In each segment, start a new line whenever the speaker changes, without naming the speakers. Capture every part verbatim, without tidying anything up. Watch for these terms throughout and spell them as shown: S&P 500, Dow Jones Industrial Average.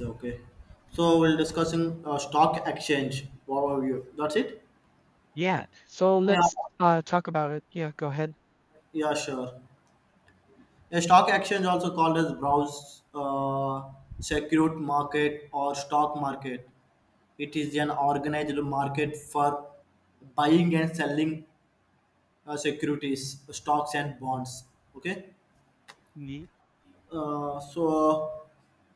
Okay. So we'll discussing uh, stock exchange. What are you? That's it?
Yeah. So
Yeah.
let's uh, talk about it. Yeah, go ahead.
Yeah, sure. A stock exchange also called as browse uh, security market or stock market. It is an organized market for buying and selling uh, securities, stocks and bonds. Okay.
Ye-
Uh, so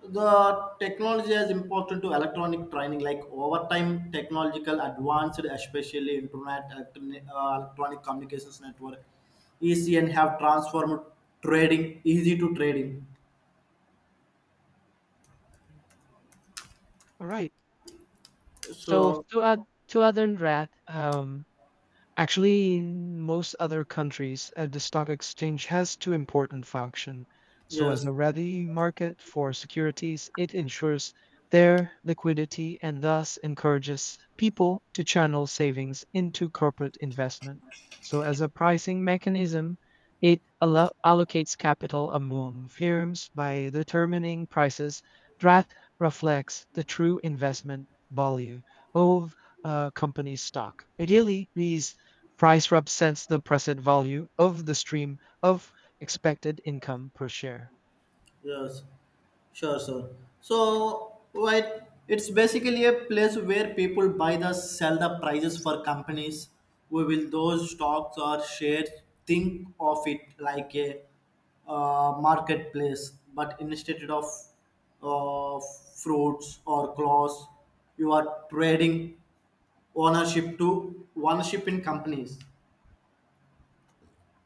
the technology is important to electronic training like over time technological advanced especially internet electroni- uh, electronic communications network ecn have transformed trading easy to trading
All right. So
so
two add two, other than that, um, actually, in most other countries, uh, the stock exchange has two important functions. So,
yes
as a ready market for securities, it ensures their liquidity and thus encourages people to channel savings into corporate investment. So, as a pricing mechanism, it allo- allocates capital among firms by determining prices that reflects the true investment value of uh, company's stock. Ideally, these price represents the present value of the stream of expected income per share.
yes. Sure, sure. So, right, it's basically a place where people buy the sell the prices for companies. We will those stocks or shares. Think of it like a uh, marketplace, but instead of uh, fruits or clothes, you are trading ownership to ownership in companies.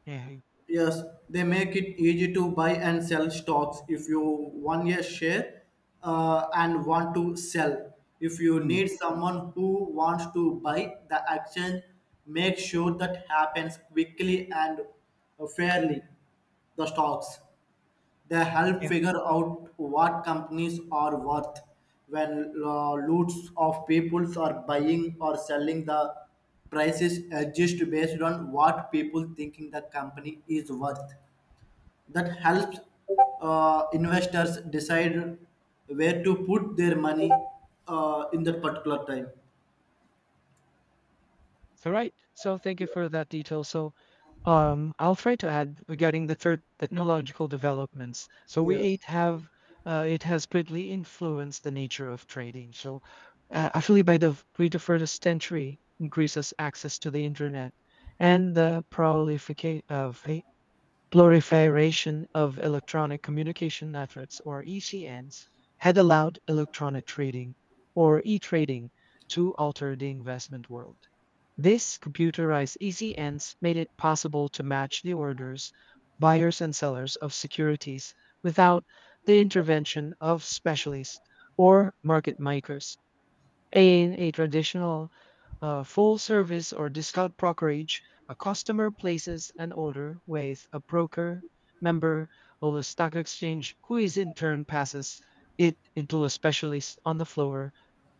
Yeah.
Yes, they make it easy to buy and sell stocks if you want a share uh, and want to sell. If you
Mm.
need someone who wants to buy the action, make sure that happens quickly and fairly. The stocks. They help
Yeah.
figure out what companies are worth when uh, lots of people are buying or selling. The prices adjust based on what people thinking the company is worth. That helps uh, investors decide where to put their money uh, in that particular time.
So right. So thank you for that detail. So um, I'll try to add regarding the third technological developments. So we
Yes.
eight have, uh, it has greatly influenced the nature of trading. So uh, actually, by the pre the first century, increases access to the internet and the proliferation of Proliferation of electronic communication networks, or E C Ns, had allowed electronic trading, or e-trading, to alter the investment world. These computerized E C Ns made it possible to match the orders, buyers and sellers of securities, without the intervention of specialists or market makers. In a traditional uh, full service or discount brokerage, a customer places an order with a broker member of the stock exchange, who is in turn passes it into a specialist on the floor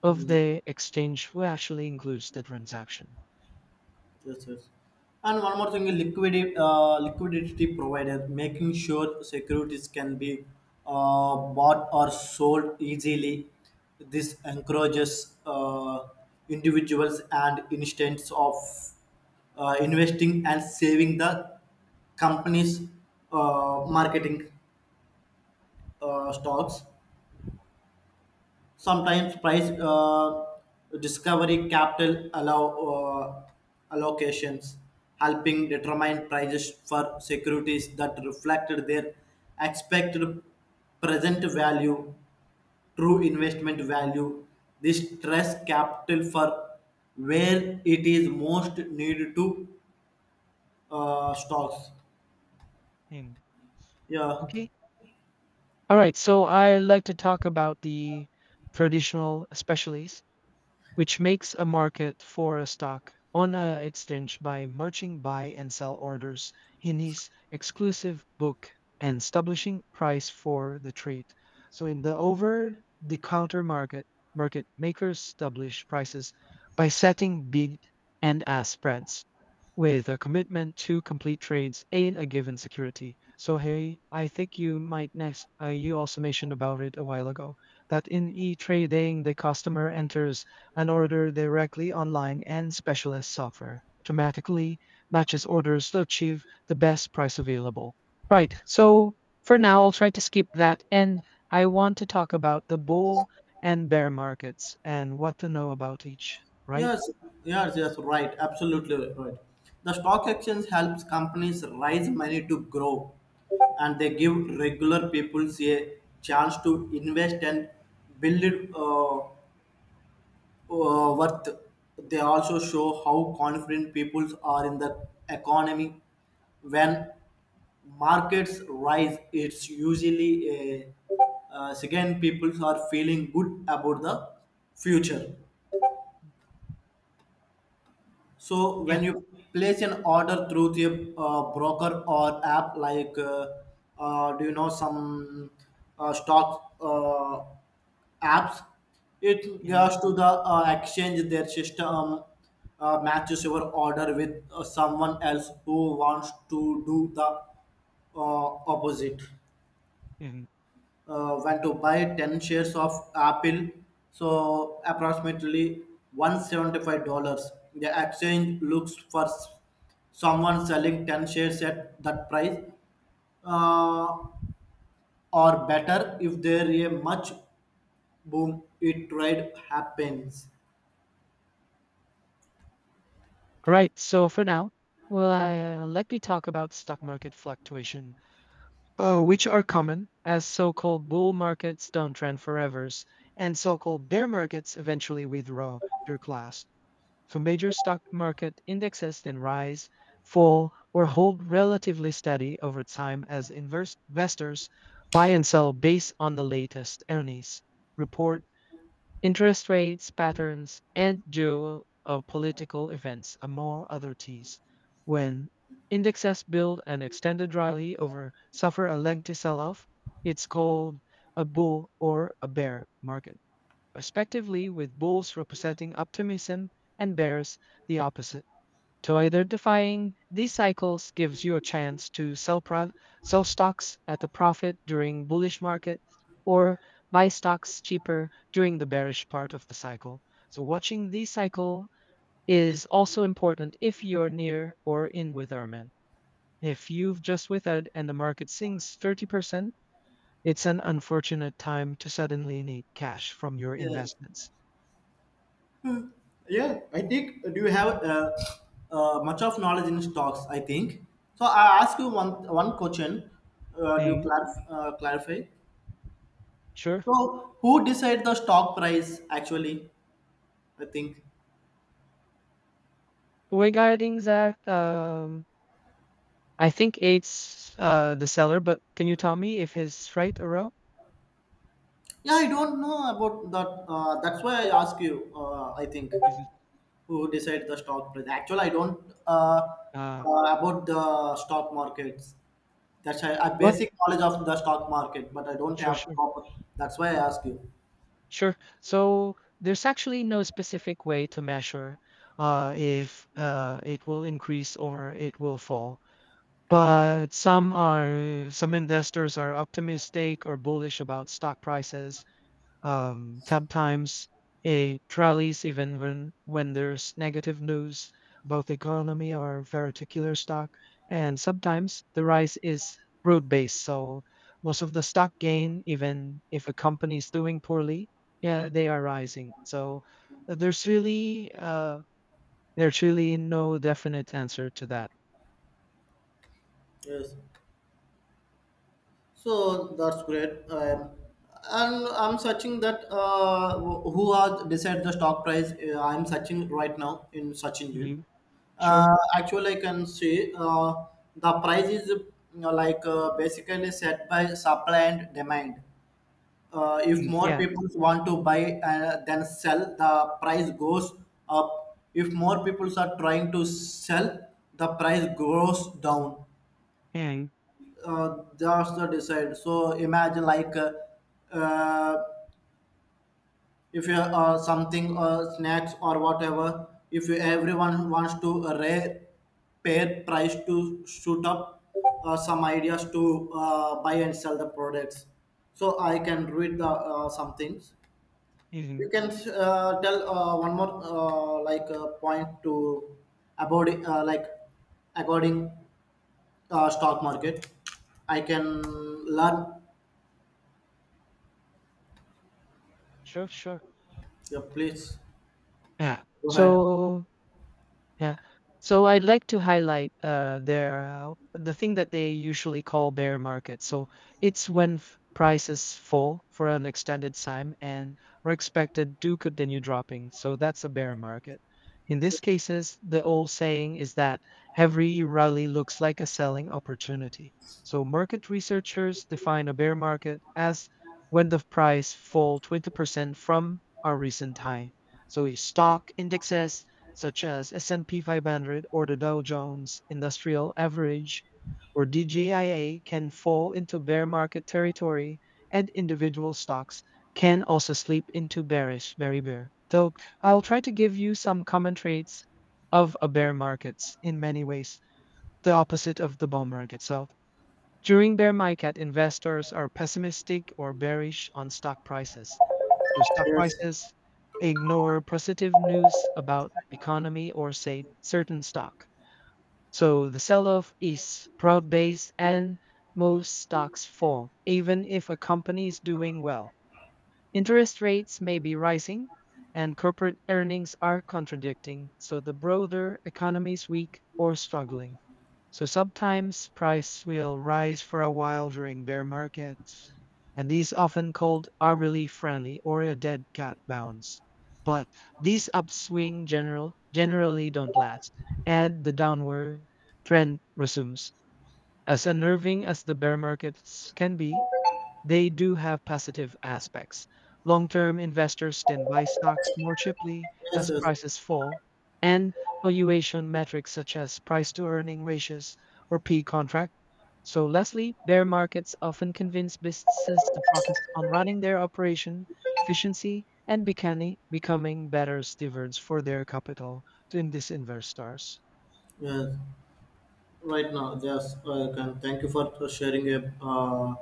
of the exchange, who actually includes the transaction.
Yes, yes. And one more thing, liquidity, uh, liquidity provided, making sure securities can be uh, bought or sold easily. This encourages uh, individuals and instance of uh, investing and saving the company's uh, marketing uh, stocks. Sometimes price uh, discovery capital allow uh, allocations, helping
Mm.
determine prices for securities that reflected their expected present value, true investment value. This stress capital for where it is most needed to uh, stocks.
Mm,
Yeah.
okay. All right. So I like to talk about the traditional specialties, which makes a market for a stock on a exchange by merging buy and sell orders in his exclusive book and establishing price for the trade. So in the over-the-counter market, market makers establish prices by setting bid and ask spreads with a commitment to complete trades in a given security. So hey, I think you might next. Uh, you also mentioned about it a while ago that in e-trading, the customer enters an order directly online, and specialist software automatically matches orders to achieve the best price available. Right. So for now, I'll try to skip that. And I want to talk about the bull and bear markets, and what to know about each, right?
Yes, yes, yes, right. Absolutely right. The stock exchange helps companies raise money to grow and they give regular people a chance to invest and build uh, uh, worth. They also show how confident people are in the economy. When markets rise, it's usually a, uh, second people are feeling good about the future. So
Yeah.
when you place an order through the uh, broker or app, like uh, uh, do you know some uh, stock uh, apps, it
Y-
goes to the uh, exchange. Their system uh, matches your order with uh, someone else who wants to do the uh, opposite
and
uh, when to buy ten shares of Apple, so approximately one hundred seventy-five dollars. The exchange looks for s- someone selling ten shares at that price uh, or better if there is a much boom it trade happens.
Right. So for now, well, I, uh, let me talk about stock market fluctuation, uh, which are common, as so-called bull markets don't trend forever, and so-called bear markets eventually withdraw their class. So major stock market indexes then rise, fall, or hold relatively steady over time, as inverse investors buy and sell based on the latest earnings report, interest rates patterns, and geo uh, political events, among other oddities. When indexes build an extended rally over suffer a lengthy sell-off, it's called a bull or a bear market, respectively, with bulls representing optimism and bears the opposite, to identifying these cycles gives you a chance to sell pro- sell stocks at a profit during bullish market, or buy stocks cheaper during the bearish part of the cycle. So watching the cycle is also important if you're near or in with Armin. If you've just withered and the market sinks thirty percent, it's an unfortunate time to suddenly need cash from your
Yes.
investments.
Yeah, I think do you have uh, uh, much of knowledge in stocks? I think so. I ask you one one question. Uh, do you
Hey,
clarif- uh, clarify?
sure.
So who decide the stock price actually? I think.
Regarding that, um, I think it's, uh, the seller, but can you tell me if he's right or wrong?
Yeah, I don't know about that. Uh, that's why I ask you. Uh, I think
Is it,
who decide the stock price? Actually, I don't uh,
uh,
uh, about the stock markets. That's a, a
what?
basic knowledge of the stock market, but I don't
Sure,
have
sure,
proper. That's why I ask you.
sure. So there's actually no specific way to measure uh, if uh, it will increase or it will fall. But some are, some investors are optimistic or bullish about stock prices. Um, sometimes it rallies even when, when there's negative news about the economy or very particular stock. And sometimes the rise is broad based. So most of the stock gain, even if a company is doing poorly, yeah, they are rising. So uh, there's really uh, there's really no definite answer to that.
Yes. So that's great. Um, and I'm searching that uh, wh- who has decided the stock price. Uh, I'm searching right now in search engine.
Mhm. Sure.
Uh, actually, I can see uh, the price is you know, like uh, basically set by supply and demand. Uh, if
Mm,
more
yeah.
people want to buy and then sell, the price goes up. If more people are trying to sell, the price goes down
Yeah.
uh, that's the decide so imagine like uh, uh, if you uh, something uh, snacks or whatever if you, everyone wants to array pair price to shoot up uh, some ideas to uh, buy and sell the products so I can read the uh, some things
Mhm.
you can uh, tell uh, one more uh, like uh, point to about uh, like according uh, stock market I can learn.
Sure. Sure.
Yeah, please
Yeah.
go ahead.
So, yeah. So I'd like to highlight uh, their uh, the thing that they usually call bear market. So it's when f- prices fall for an extended time and are expected to continue dropping. So that's a bear market. In these cases, the old saying is that every rally looks like a selling opportunity. So market researchers define a bear market as when the price fall twenty percent from our recent high. So if stock indexes, such as S and P five hundred or the Dow Jones Industrial Average, or D J I A, can fall into bear market territory, and individual stocks can also slip into bearish, very bear. So I'll try to give you some common traits of a bear markets, in many ways the opposite of the bull market. So during bear market, investors are pessimistic or bearish on stock prices. So stock
Yes,
prices ignore positive news about economy or say certain stock. So the sell-off is broad-based, and most stocks fall, even if a company is doing well. Interest rates may be rising and corporate earnings are contradicting, so the broader economy is weak or struggling. So sometimes price will rise for a while during bear markets, and these often called hourly friendly or a dead cat bounce. But these upswing general generally don't last, and the downward trend resumes. As unnerving as the bear markets can be, they do have positive aspects. Long-term investors can buy stocks more cheaply
yes,
as
yes,
prices fall, and valuation metrics such as price-to-earning ratios, or P contract. So lastly, bear markets often convince businesses to focus on running their operation efficiency and becoming becoming better stewards for their capital, to in- these investors.
yes. Right now, yes, I can. Thank you for for sharing a, uh,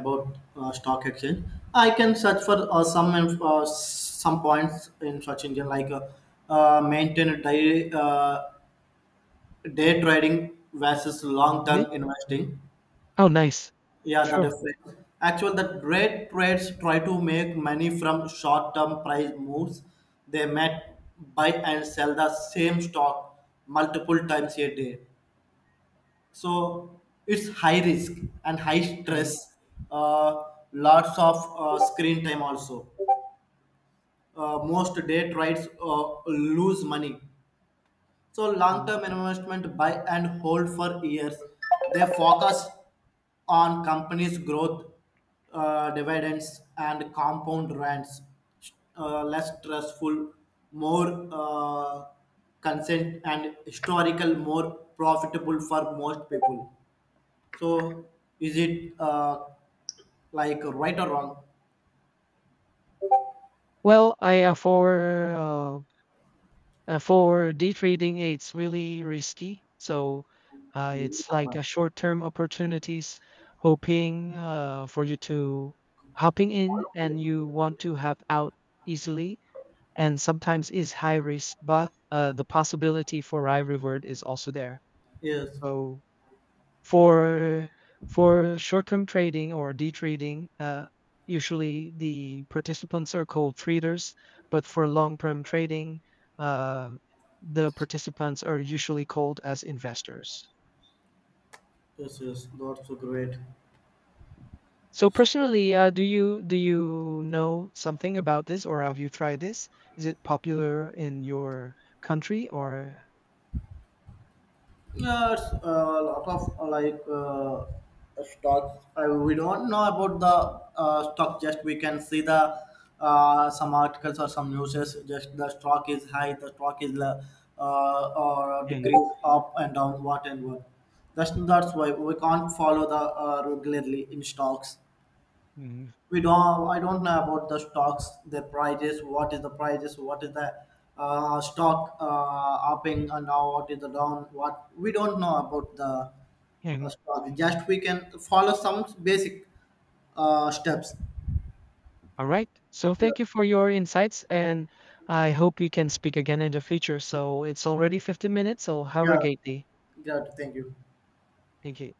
about uh, stock exchange. I can search for uh, some inf- uh, some points in search engine like uh, uh, maintain a day uh, day trading versus long
Ne-
term investing.
Oh, nice.
Yeah, that
Sure.
is right. Actually, the great trades try to make money from short-term price moves. They might buy and sell the same stock multiple times a day. So it's high risk and high
Okay.
stress. Uh, lots of uh, screen time also. Uh, most day trades uh, lose money so
Mm.
long-term investment buy and hold for years. They focus on companies' growth, uh, dividends, and compound rents. Uh, less stressful, more uh, consent, and historical, more profitable for most people. So, is it uh, like right or wrong?
Well, I uh, for uh, Uh, for day trading, it's really risky. So uh, it's like a short-term opportunities, hoping uh, for you to hopping in and you want to have out easily. And sometimes is high risk, but uh, the possibility for high reward is also there.
Yes,
So for for short-term trading or day trading, uh, usually the participants are called traders, but for long-term trading, uh, the participants are usually called as investors.
yes, yes. That's so great.
So personally, uh, do you do you know something about this, or have you tried this? Is it popular in your country or?
Yeah, it's uh, a lot of uh, like uh, stocks. I, we don't know about the uh, stock. Just we can see the uh, some articles or some news. Just the stock is high, the stock is uh, uh, or decrease up and down, what and what. That's that's why we can't follow the uh, regularly in stocks we don't I don't know about the stocks the prices what is the prices what is the uh, stock uh, upping and now what is the down what we don't know about the uh,
And.
stock just we can follow some basic uh, steps
All right. So
yeah
thank you for your insights, and I hope we can speak again in the future. So it's already fifteen minutes. So have a
yeah
great day.
yeah thank you
Thank you.